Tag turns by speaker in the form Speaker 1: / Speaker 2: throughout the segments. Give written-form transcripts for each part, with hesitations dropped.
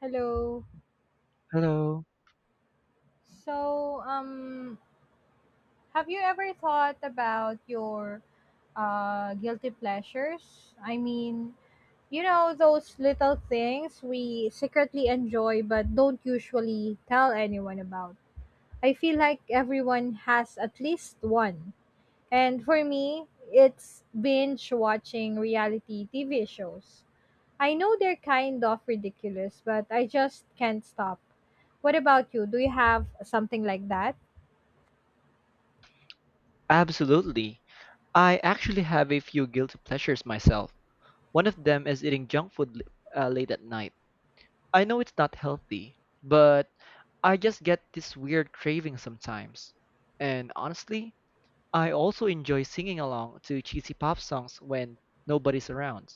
Speaker 1: Hello.
Speaker 2: Hello.
Speaker 1: So, um, have you ever thought about your guilty pleasures? Those little things we secretly enjoy but don't usually tell anyone about. I feel like everyone has at least one. And for me, it's binge watching reality TV shows. I know they're kind of ridiculous, but I just can't stop. What about you? Do you have something like that?
Speaker 2: Absolutely. I actually have a few guilty pleasures myself. One of them is eating junk food late at night. I know it's not healthy, but I just get this weird craving sometimes. And honestly, I also enjoy singing along to cheesy pop songs when nobody's around.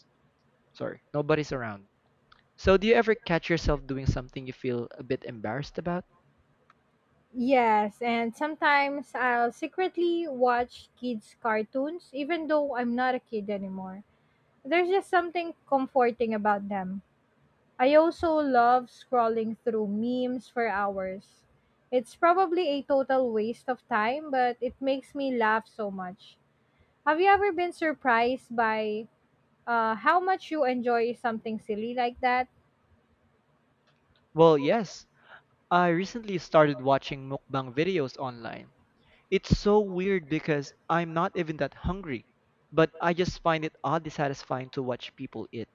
Speaker 2: Sorry, nobody's around. So, do you ever catch yourself doing something you feel a bit embarrassed about?
Speaker 1: Yes, and sometimes I'll secretly watch kids' cartoons even though I'm not a kid anymore. There's just something comforting about them. I also love scrolling through memes for hours. It's probably a total waste of time, but it makes me laugh so much. Have you ever been surprised by how much you enjoy something silly like that?
Speaker 2: Well, yes. I recently started watching mukbang videos online. It's so weird because I'm not even that hungry, but I just find it oddly satisfying to watch people eat.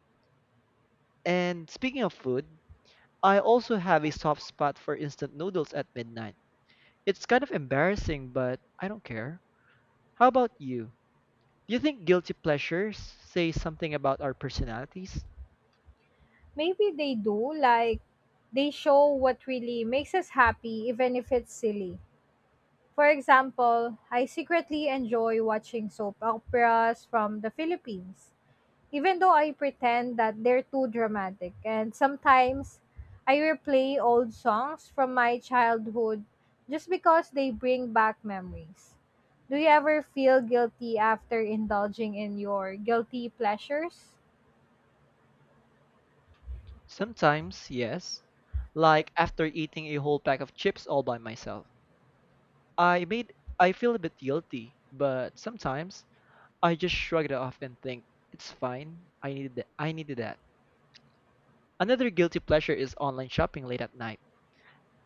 Speaker 2: And speaking of food, I also have a soft spot for instant noodles at midnight. It's kind of embarrassing, but I don't care. How about you? Do you think guilty pleasures say something about our personalities?
Speaker 1: Maybe they do, like, they show what really makes us happy, even if it's silly. For example, I secretly enjoy watching soap operas from the Philippines, even though I pretend that they're too dramatic. And sometimes I replay old songs from my childhood just because they bring back memories. Do you ever feel guilty after indulging in your guilty pleasures?
Speaker 2: Sometimes, yes. Like after eating a whole pack of chips all by myself. I made I feel a bit guilty, but sometimes I just shrug it off and think it's fine. I needed that. I needed that. Another guilty pleasure is online shopping late at night.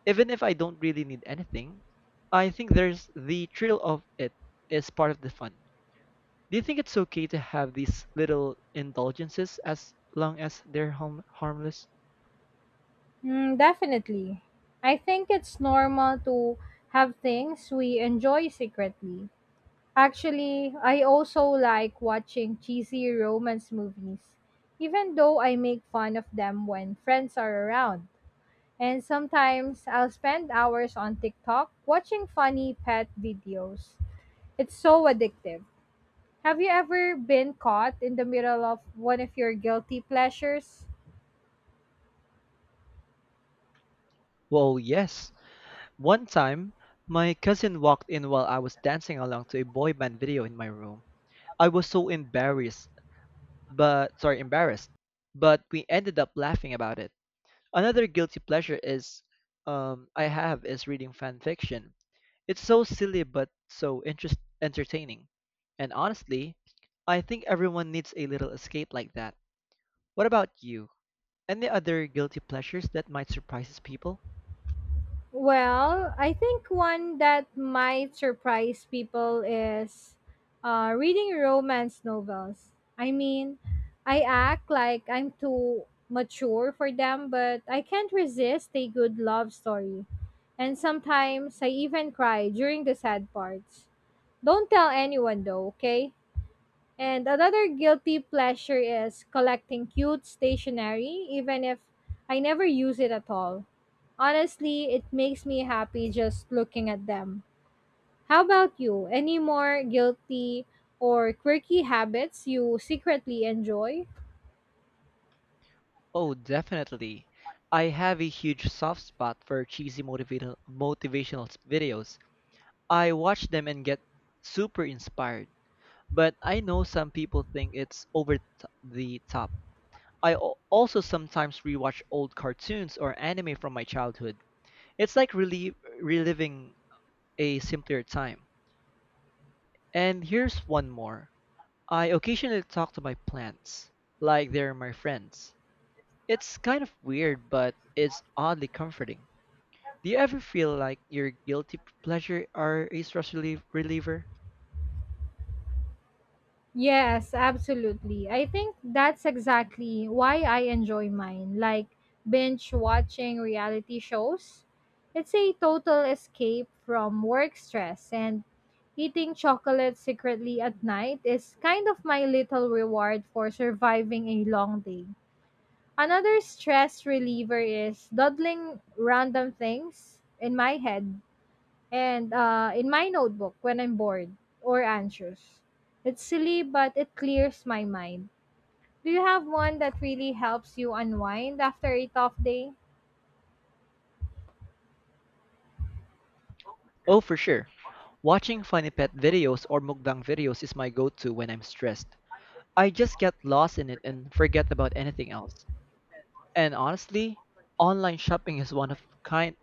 Speaker 2: Even if I don't really need anything, I think the thrill of it is part of the fun. Do you think it's okay to have these little indulgences as long as they're harmless?
Speaker 1: Mm, definitely. I think it's normal to have things we enjoy secretly. Actually, I also like watching cheesy romance movies, even though I make fun of them when friends are around. And sometimes I'll spend hours on TikTok watching funny pet videos. It's so addictive. Have you ever been caught in the middle of one of your guilty pleasures?
Speaker 2: Well, yes. One time, my cousin walked in while I was dancing along to a boy band video in my room. I was so embarrassed but sorry, embarrassed. But we ended up laughing about it. Another guilty pleasure is I have is reading fan fiction. It's so silly but so interest entertaining. And honestly, I think everyone needs a little escape like that. What about you? Any other guilty pleasures that might surprise people?
Speaker 1: Well, I think one that might surprise people is reading romance novels. I mean, I act like I'm too mature for them, but I can't resist a good love story. And sometimes I even cry during the sad parts. Don't tell anyone though, okay? And another guilty pleasure is collecting cute stationery, even if I never use it at all. Honestly, it makes me happy just looking at them. How about you? Any more guilty or quirky habits you secretly enjoy?
Speaker 2: Oh, definitely. I have a huge soft spot for cheesy motivational videos. I watch them and get super inspired, but I know some people think it's over the top. I also sometimes rewatch old cartoons or anime from my childhood. It's like reliving a simpler time. And here's one more. I occasionally talk to my plants, like they're my friends. It's kind of weird, but it's oddly comforting. Do you ever feel like your guilty pleasure are a stress reliever?
Speaker 1: Yes, absolutely. I think that's exactly why I enjoy mine, like binge watching reality shows. It's a total escape from work stress, and eating chocolate secretly at night is kind of my little reward for surviving a long day. Another stress reliever is doodling random things in my head and in my notebook when I'm bored or anxious. It's silly, but it clears my mind. Do you have one that really helps you unwind after a tough day?
Speaker 2: Oh, for sure. Watching funny pet videos or mukbang videos is my go-to when I'm stressed. I just get lost in it and forget about anything else. And honestly, online shopping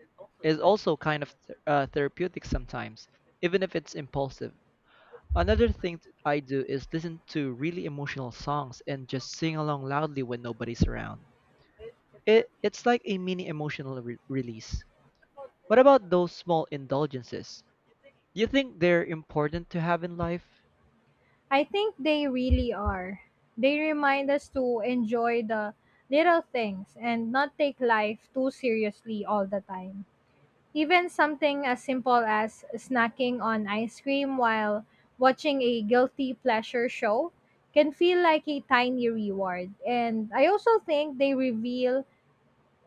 Speaker 2: is also kind of therapeutic sometimes, even if it's impulsive. Another thing I do is listen to really emotional songs and just sing along loudly when nobody's around. It's like a mini emotional release. What about those small indulgences? Do you think they're important to have in life?
Speaker 1: I think they really are. They remind us to enjoy the little things and not take life too seriously all the time. Even something as simple as snacking on ice cream while watching a guilty pleasure show can feel like a tiny reward. And I also think they reveal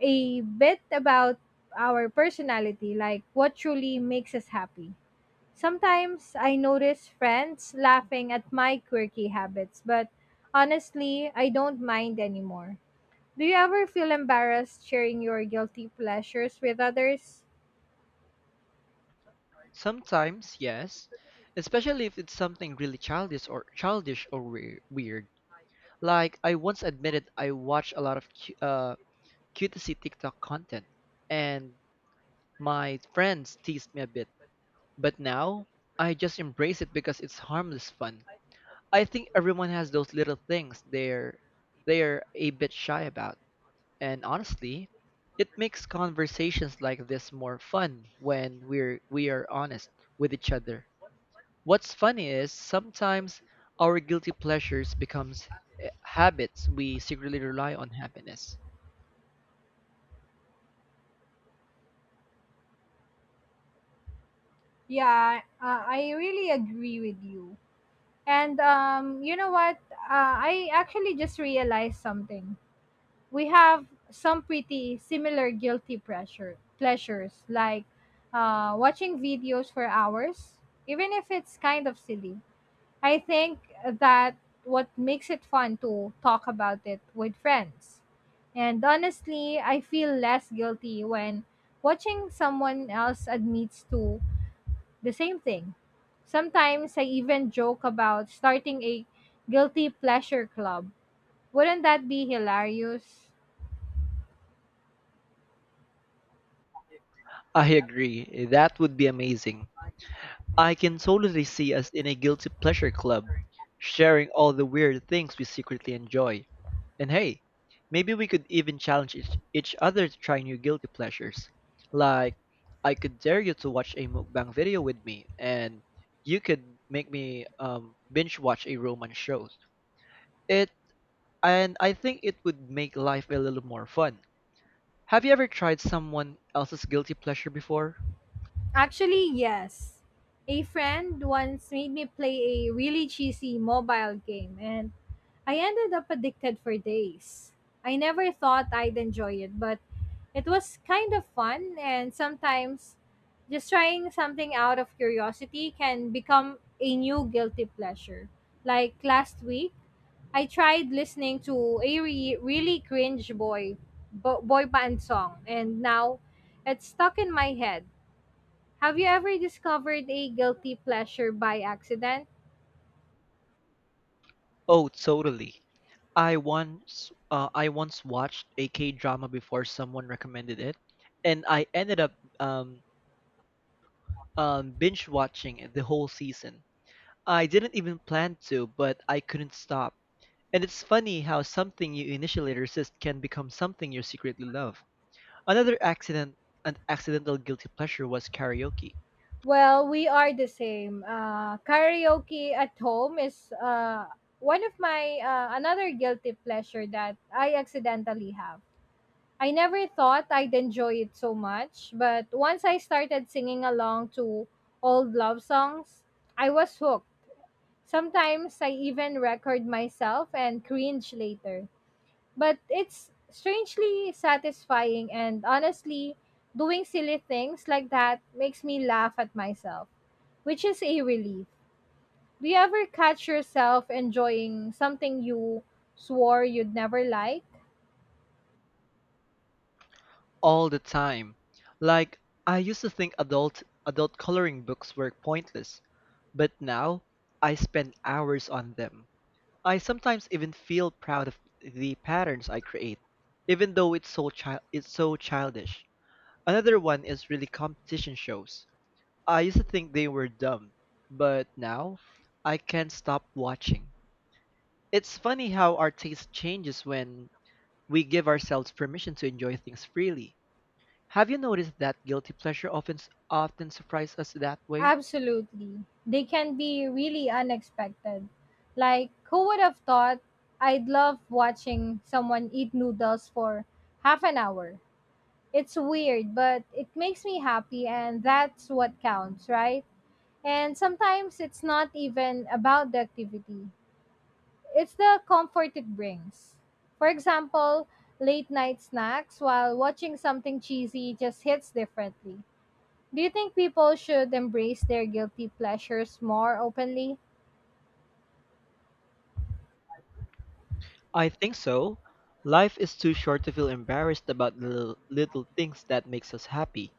Speaker 1: a bit about our personality, like what truly makes us happy. Sometimes I notice friends laughing at my quirky habits, but honestly, I don't mind anymore. Do you ever feel embarrassed sharing your guilty pleasures with others?
Speaker 2: Sometimes, yes, especially if it's something really weird. Like I once admitted I watch a lot of cutesy TikTok content, and my friends teased me a bit. But now I just embrace it because it's harmless fun. I think everyone has those little things they're a bit shy about, and honestly, it makes conversations like this more fun when we are honest with each other. What's funny is sometimes our guilty pleasures becomes habits we secretly rely on happiness.
Speaker 1: Yeah, I really agree with you. And You know what? I actually just realized something. We have some pretty similar guilty pressure pleasures, like watching videos for hours, even if it's kind of silly. I think that what makes it fun to talk about it with friends. And honestly, I feel less guilty when watching someone else admits to the same thing. Sometimes I even joke about starting a guilty pleasure club. Wouldn't that be hilarious?
Speaker 2: I agree. That would be amazing. I can totally see us in a guilty pleasure club, sharing all the weird things we secretly enjoy. And hey, maybe we could even challenge each other to try new guilty pleasures. Like, I could dare you to watch a mukbang video with me, and you could make me binge watch a romance show. It and I think it would make life a little more fun. Have you ever tried someone else's guilty pleasure before?
Speaker 1: Actually, yes. A friend once made me play a really cheesy mobile game, and I ended up addicted for days. I never thought I'd enjoy it, but it was kind of fun, and sometimes just trying something out of curiosity can become a new guilty pleasure. Like last week, I tried listening to a really cringe boy band song and now it's stuck in my head. Have you ever discovered a guilty pleasure by accident?
Speaker 2: Oh, totally. I once watched a K drama before someone recommended it, and I ended up um, binge watching the whole season. I didn't even plan to, but I couldn't stop. And it's funny how something you initially resist can become something you secretly love. Another accident, an accidental guilty pleasure was karaoke.
Speaker 1: Well, we are the same. Karaoke at home is one of my another guilty pleasure that I accidentally have. I never thought I'd enjoy it so much, but once I started singing along to old love songs, I was hooked. Sometimes I even record myself and cringe later. But it's strangely satisfying, and honestly, doing silly things like that makes me laugh at myself, which is a relief. Do you ever catch yourself enjoying something you swore you'd never like?
Speaker 2: All the time. Like I used to think adult coloring books were pointless, but now I spend hours on them. I sometimes even feel proud of the patterns I create, even though it's so childish. Another one is really competition shows. I used to think they were dumb, but now I can't stop watching. It's funny how our taste changes when we give ourselves permission to enjoy things freely. Have you noticed that guilty pleasure often surprises us that way?
Speaker 1: Absolutely. They can be really unexpected. Like, who would have thought I'd love watching someone eat noodles for half an hour? It's weird, but it makes me happy, and that's what counts, right? And sometimes it's not even about the activity, it's the comfort it brings. For example, late night snacks while watching something cheesy just hits differently. Do you think people should embrace their guilty pleasures more openly?
Speaker 2: I think so. Life is too short to feel embarrassed about the little things that makes us happy.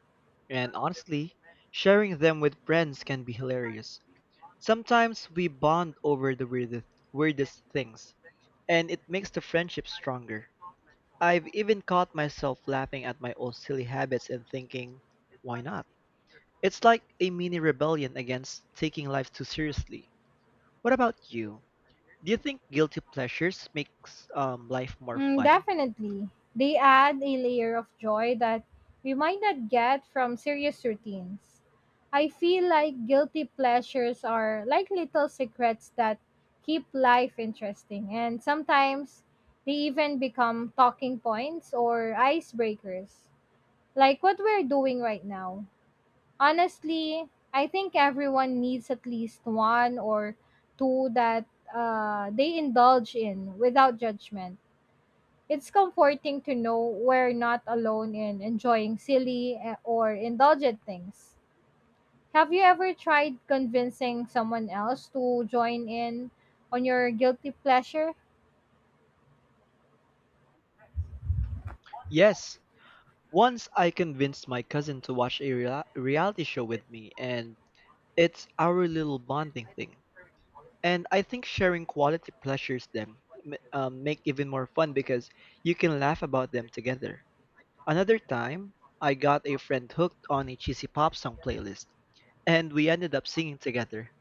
Speaker 2: And honestly, sharing them with friends can be hilarious. Sometimes we bond over the weirdest things, and it makes the friendship stronger. I've even caught myself laughing at my own silly habits and thinking, why not? It's like a mini rebellion against taking life too seriously. What about you? Do you think guilty pleasures makes life more
Speaker 1: Mm,
Speaker 2: fun?
Speaker 1: definitely. They add a layer of joy that we might not get from serious routines. I feel like guilty pleasures are like little secrets that keep life interesting, and sometimes they even become talking points or icebreakers, like what we're doing right now. Honestly, I think everyone needs at least one or two that they indulge in without judgment. It's comforting to know we're not alone in enjoying silly or indulgent things. Have you ever tried convincing someone else to join in on your guilty pleasure?
Speaker 2: Yes. Once I convinced my cousin to watch a reality show with me, and it's our little bonding thing. And I think sharing quality pleasures make even more fun because you can laugh about them together. Another time, I got a friend hooked on a cheesy pop song playlist, and we ended up singing together.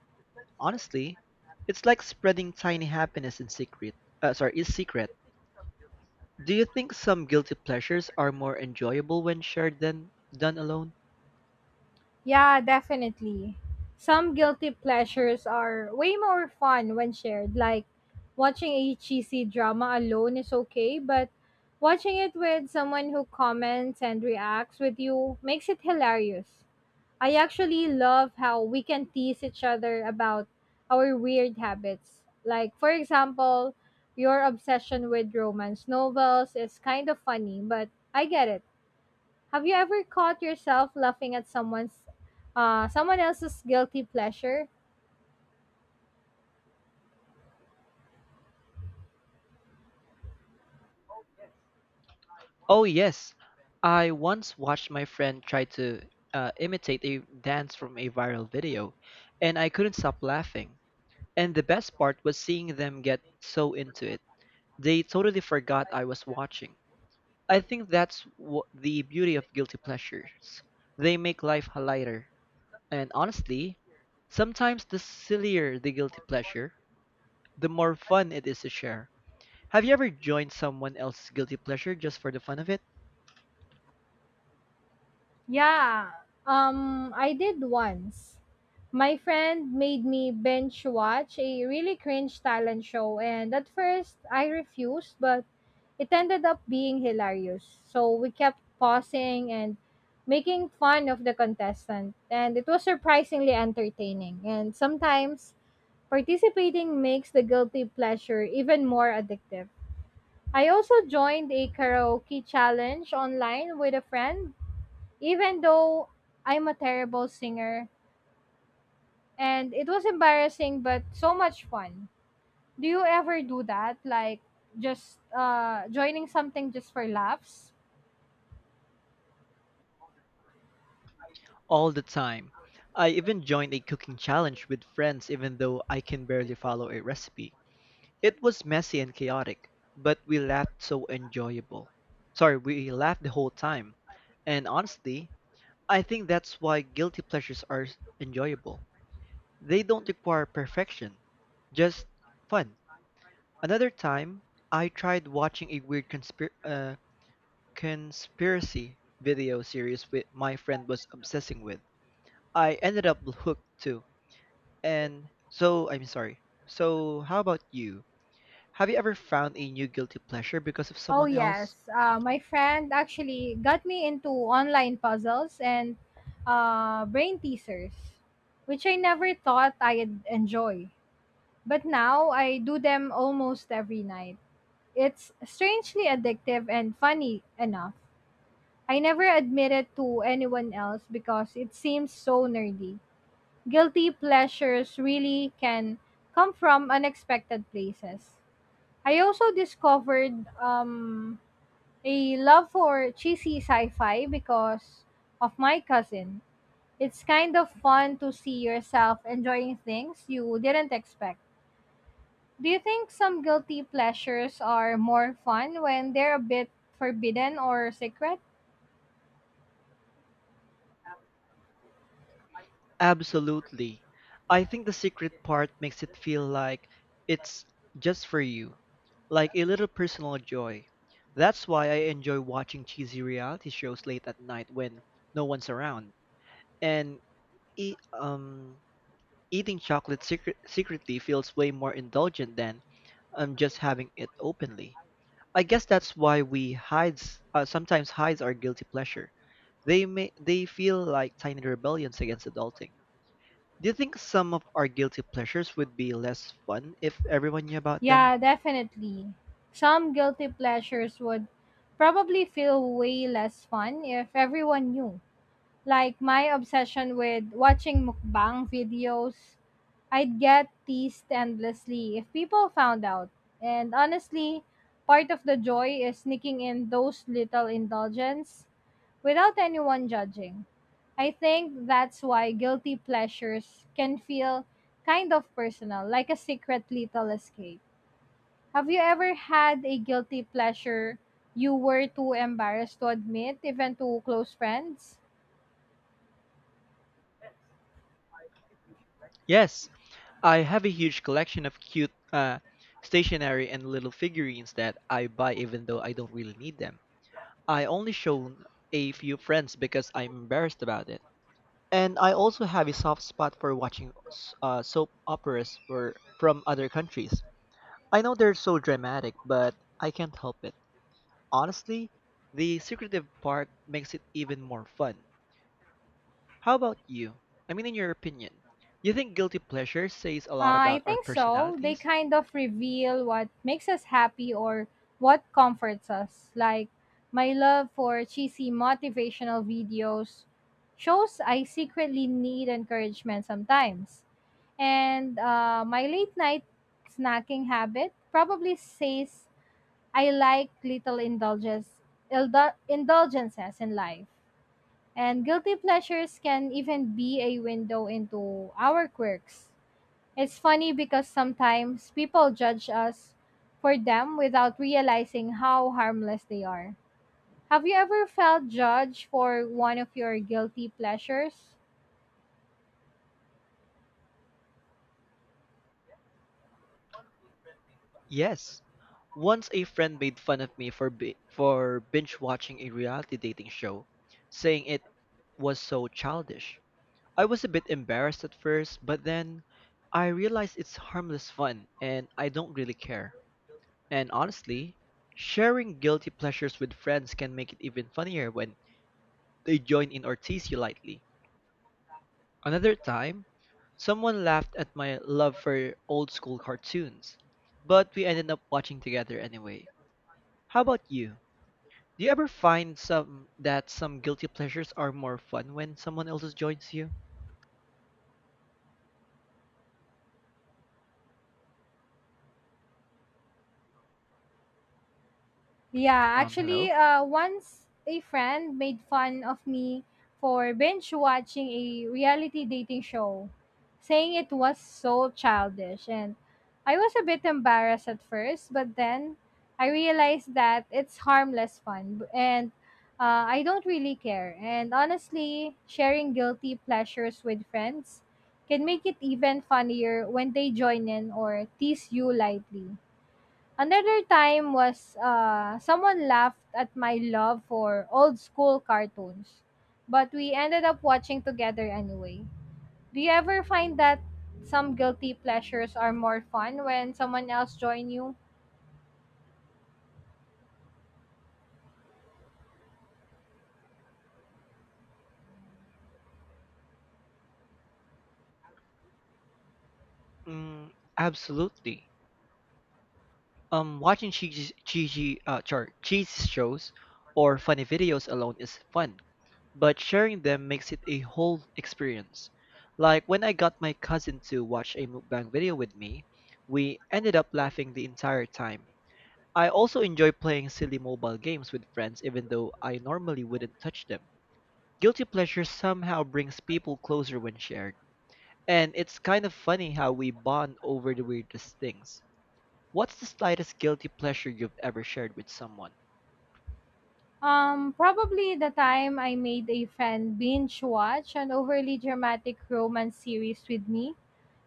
Speaker 2: Honestly, it's like spreading tiny happiness in secret. Uh, sorry, in secret Do you think some guilty pleasures are more enjoyable when shared than done alone?
Speaker 1: Yeah, definitely. Some guilty pleasures are way more fun when shared, like watching a cheesy drama alone is okay, but watching it with someone who comments and reacts with you makes it hilarious. I actually love how we can tease each other about our weird habits. Like, for example, your obsession with romance novels is kind of funny, but I get it. Have you ever caught yourself laughing at someone else's guilty pleasure?
Speaker 2: Oh, yes. I once watched my friend try to imitate a dance from a viral video, and I couldn't stop laughing. And the best part was seeing them get so into it. They totally forgot I was watching. I think that's what the beauty of guilty pleasures. They make life lighter. And honestly, sometimes the sillier the guilty pleasure, the more fun it is to share. Have you ever joined someone else's guilty pleasure just for the fun of it?
Speaker 1: Yeah, I did once. My friend made me binge watch a really cringe talent show, and at first I refused, but it ended up being hilarious. So we kept pausing and making fun of the contestant, and it was surprisingly entertaining. And sometimes participating makes the guilty pleasure even more addictive. I also joined a karaoke challenge online with a friend, even though I'm a terrible singer. And it was embarrassing, but so much fun. Do you ever do that? Like, just joining something just for laughs?
Speaker 2: All the time. I even joined a cooking challenge with friends even though I can barely follow a recipe. It was messy and chaotic, but we laughed so enjoyable. Sorry, We laughed the whole time. And honestly, I think that's why guilty pleasures are enjoyable. They don't require perfection, just fun. Another time, I tried watching a weird conspiracy video series with my friend was obsessing with. I ended up hooked too. And so I'm sorry. So how about you? Have you ever found a new guilty pleasure because of
Speaker 1: Oh
Speaker 2: someone else?
Speaker 1: yes, my friend actually got me into online puzzles and brain teasers, which I never thought I'd enjoy. But now I do them almost every night. It's strangely addictive and funny enough. I never admit it to anyone else because it seems so nerdy. Guilty pleasures really can come from unexpected places. I also discovered a love for cheesy sci-fi because of my cousin. It's kind of fun to see yourself enjoying things you didn't expect. Do you think some guilty pleasures are more fun when they're a bit forbidden or secret?
Speaker 2: Absolutely. I think the secret part makes it feel like it's just for you, like a little personal joy. That's why I enjoy watching cheesy reality shows late at night when no one's around. And e- um eating chocolate secretly feels way more indulgent than just having it openly. I guess that's why we hides sometimes hides our guilty pleasure. They feel like tiny rebellions against adulting. Do you think some of our guilty pleasures would be less fun if everyone knew about them?
Speaker 1: Yeah, definitely. Some guilty pleasures would probably feel way less fun if everyone knew. Like my obsession with watching mukbang videos, I'd get teased endlessly if people found out. And honestly, part of the joy is sneaking in those little indulgences without anyone judging. I think that's why guilty pleasures can feel kind of personal, like a secret little escape. Have you ever had a guilty pleasure you were too embarrassed to admit, even to close friends?
Speaker 2: Yes, I have a huge collection of cute stationery and little figurines that I buy even though I don't really need them. I only show a few friends because I'm embarrassed about it. And I also have a soft spot for watching soap operas from other countries. I know they're so dramatic, but I can't help it. Honestly, the secretive part makes it even more fun. How about you? I mean, in your opinion, you think guilty pleasure says a lot
Speaker 1: I
Speaker 2: about our
Speaker 1: think so. They
Speaker 2: personalities?
Speaker 1: kind of reveal what makes us happy or what comforts us. Like my love for cheesy motivational videos shows I secretly need encouragement sometimes. And my late night snacking habit probably says I like little indulges, indulgences in life. And guilty pleasures can even be a window into our quirks. It's funny because sometimes people judge us for them without realizing how harmless they are. Have you ever felt judged for one of your guilty pleasures?
Speaker 2: Yes. Once a friend made fun of me for for binge watching a reality dating show, saying it was so childish. I was a bit embarrassed at first, but then I realized it's harmless fun and I don't really care. And honestly, sharing guilty pleasures with friends can make it even funnier when they join in or tease you lightly. Another time, someone laughed at my love for old school cartoons, but we ended up watching together anyway. How about you? Do you ever find some guilty pleasures are more fun when someone else joins you? Hello?
Speaker 1: Once a friend made fun of me for binge watching a reality dating show, saying it was so childish. And I was a bit embarrassed at first, but then I realized that it's harmless fun and I don't really care. And honestly, sharing guilty pleasures with friends can make it even funnier when they join in or tease you lightly. Another time was someone laughed at my love for old school cartoons, but we ended up watching together anyway. Do you ever find that some guilty pleasures are more fun when someone else join you?
Speaker 2: Mm, absolutely. Watching cheese shows or funny videos alone is fun, but sharing them makes it a whole experience. Like when I got my cousin to watch a mukbang video with me, we ended up laughing the entire time. I also enjoy playing silly mobile games with friends, even though I normally wouldn't touch them. Guilty pleasure somehow brings people closer when shared, and it's kind of funny how we bond over the weirdest things. What's the slightest guilty pleasure you've ever shared with someone?
Speaker 1: Probably the time I made a friend binge watch an overly dramatic romance series with me.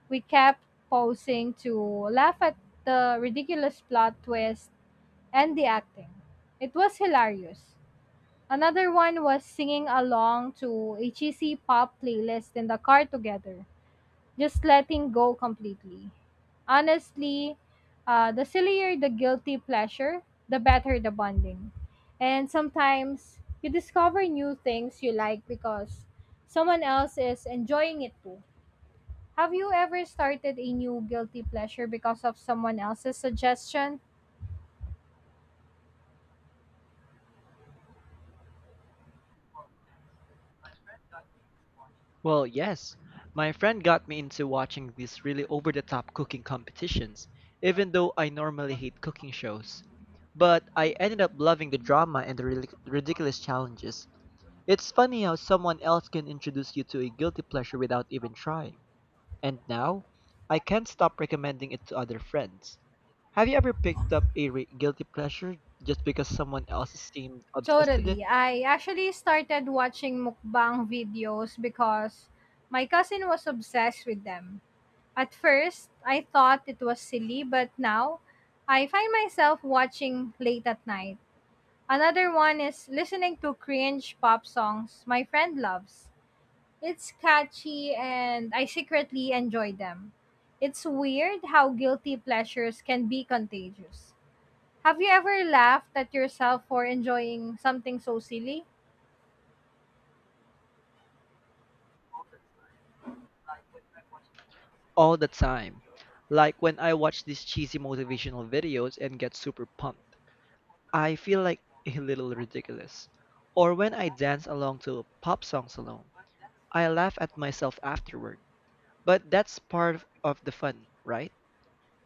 Speaker 1: We kept pausing to laugh at the ridiculous plot twist and the acting. It was hilarious. Another one was singing along to a cheesy pop playlist in the car together, just letting go completely. Honestly, the sillier the guilty pleasure, the better the bonding. And sometimes you discover new things you like because someone else is enjoying it too. Have you ever started a new guilty pleasure because of someone else's suggestion?
Speaker 2: Well, yes. My friend got me into watching these really over the top cooking competitions, even though I normally hate cooking shows. But I ended up loving the drama and the ridiculous challenges. It's funny how someone else can introduce you to a guilty pleasure without even trying. And now, I can't stop recommending it to other friends. Have you ever picked up a guilty pleasure just because someone else seemed obsessed with it?
Speaker 1: Totally. I actually started watching mukbang videos because my cousin was obsessed with them. At first, I thought it was silly, but now I find myself watching late at night. Another one is listening to cringe pop songs my friend loves. It's catchy and I secretly enjoy them. It's weird how guilty pleasures can be contagious. Have you ever laughed at yourself for enjoying something so silly?
Speaker 2: All the time. Like when I watch these cheesy motivational videos and get super pumped. I feel like a little ridiculous. Or when I dance along to pop songs alone. I laugh at myself afterward. But that's of the fun, right?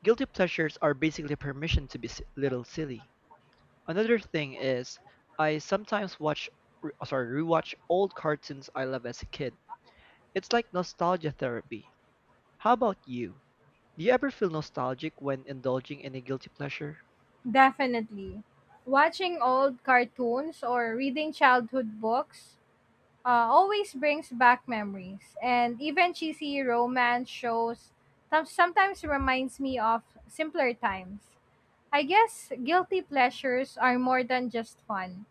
Speaker 2: Guilty pleasures are basically permission to be little silly. Another thing is, I sometimes rewatch old cartoons I loved as a kid. It's like nostalgia therapy. How about you? Do you ever feel nostalgic when indulging in a guilty pleasure?
Speaker 1: Definitely. Watching old cartoons or reading childhood books always brings back memories. And even cheesy romance shows sometimes reminds me of simpler times. I guess guilty pleasures are more than just fun,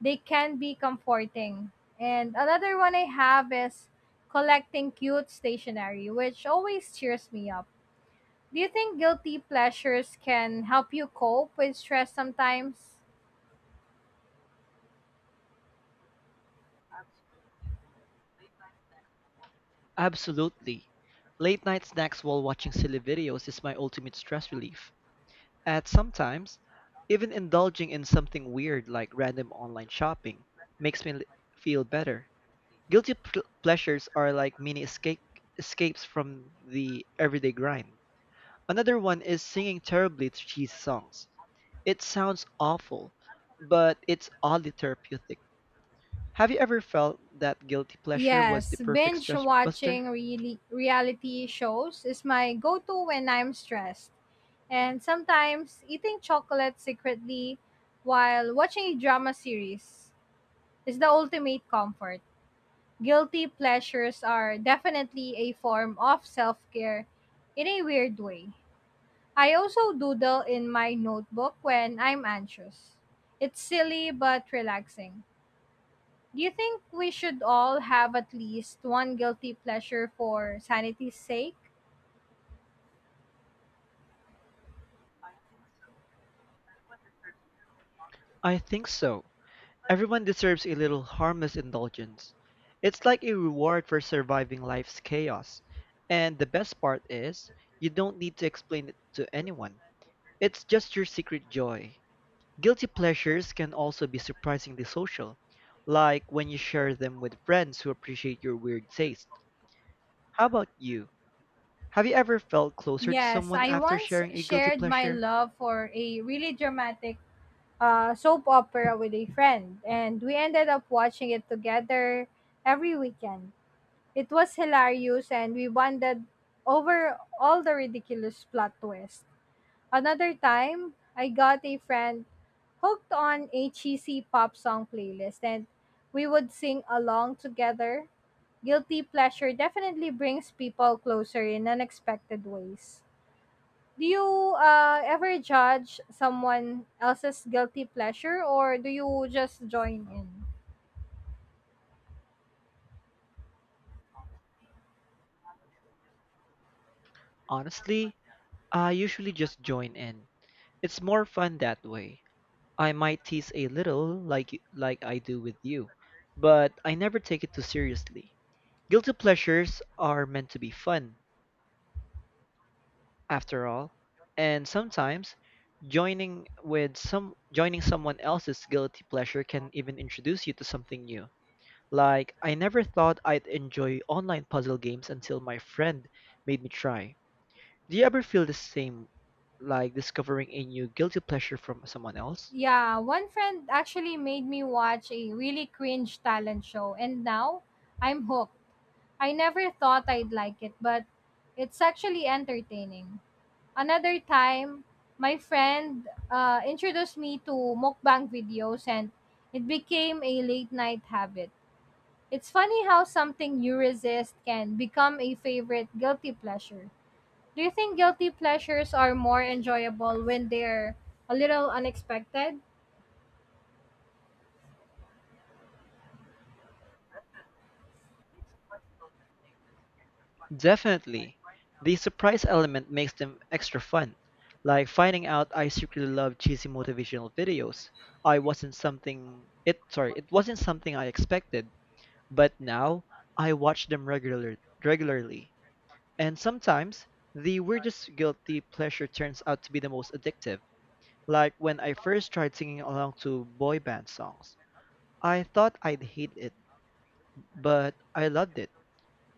Speaker 1: they can be comforting. And another one I have is collecting cute stationery, which always cheers me up. Do you think guilty pleasures can help you cope with stress sometimes?
Speaker 2: Absolutely. Late night snacks while watching silly videos is my ultimate stress relief. And sometimes, even indulging in something weird like random online shopping makes me feel better. Guilty pleasures are like mini escapes from the everyday grind. Another one is singing terribly to cheesy songs. It sounds awful, but it's oddly therapeutic. Have you ever felt that guilty pleasure was the
Speaker 1: Yes,
Speaker 2: perfect
Speaker 1: binge
Speaker 2: stress buster?
Speaker 1: watching really reality shows is my go-to when I'm stressed. And sometimes eating chocolate secretly while watching a drama series is the ultimate comfort. Guilty pleasures are definitely a form of self-care in a weird way. I also doodle in my notebook when I'm anxious. It's silly but relaxing. Do you think we should all have at least one guilty pleasure for sanity's sake?
Speaker 2: I think so. Everyone deserves a little harmless indulgence. It's like a reward for surviving life's chaos. And the best part is, you don't need to explain it to anyone. It's just your secret joy. Guilty pleasures can also be surprisingly social, like when you share them with friends who appreciate your weird taste. How about you? Have you ever felt closer to
Speaker 1: Yes,
Speaker 2: someone
Speaker 1: I
Speaker 2: after
Speaker 1: once
Speaker 2: sharing a guilty
Speaker 1: shared my
Speaker 2: pleasure?
Speaker 1: love for a really dramatic soap opera with a friend, and we ended up watching it together every weekend. It was hilarious, and we bonded over all the ridiculous plot twists. Another time, I got a friend hooked on a cheesy pop song playlist and we would sing along together. Guilty pleasure definitely brings people closer in unexpected ways. Do you ever judge someone else's guilty pleasure or do you just join in?
Speaker 2: Honestly, I usually just join in. It's more fun that way. I might tease a little, like I do with you, but I never take it too seriously. Guilty pleasures are meant to be fun, after all, and sometimes joining someone else's guilty pleasure can even introduce you to something new. Like I never thought I'd enjoy online puzzle games until my friend made me try. Do you ever feel the same, like discovering a new guilty pleasure from someone else?
Speaker 1: Yeah, one friend actually made me watch a really cringe talent show and now I'm hooked. I never thought I'd like it, but it's actually entertaining. Another time, my friend introduced me to mukbang videos and it became a late night habit. It's funny how something you resist can become a favorite guilty pleasure. Do you think guilty pleasures are more enjoyable when they're a little unexpected?
Speaker 2: Definitely. The surprise element makes them extra fun. Like finding out I secretly love cheesy motivational videos. I wasn't something it sorry, it wasn't something I expected, but now I watch them regularly. And sometimes the weirdest guilty pleasure turns out to be the most addictive. Like when I first tried singing along to boy band songs. I thought I'd hate it, but I loved it.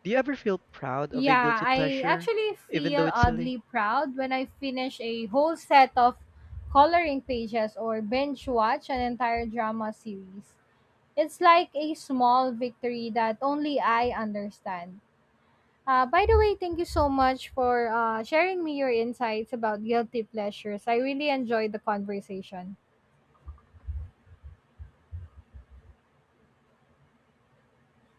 Speaker 2: Do you ever feel proud of a
Speaker 1: Yeah,
Speaker 2: guilty
Speaker 1: I
Speaker 2: pleasure,
Speaker 1: actually
Speaker 2: even
Speaker 1: feel
Speaker 2: though it's silly?
Speaker 1: oddly proud when I finish a whole set of coloring pages or binge watch an entire drama series. It's like a small victory that only I understand. By the way, thank you so much for sharing me your insights about guilty pleasures. I really enjoyed the conversation.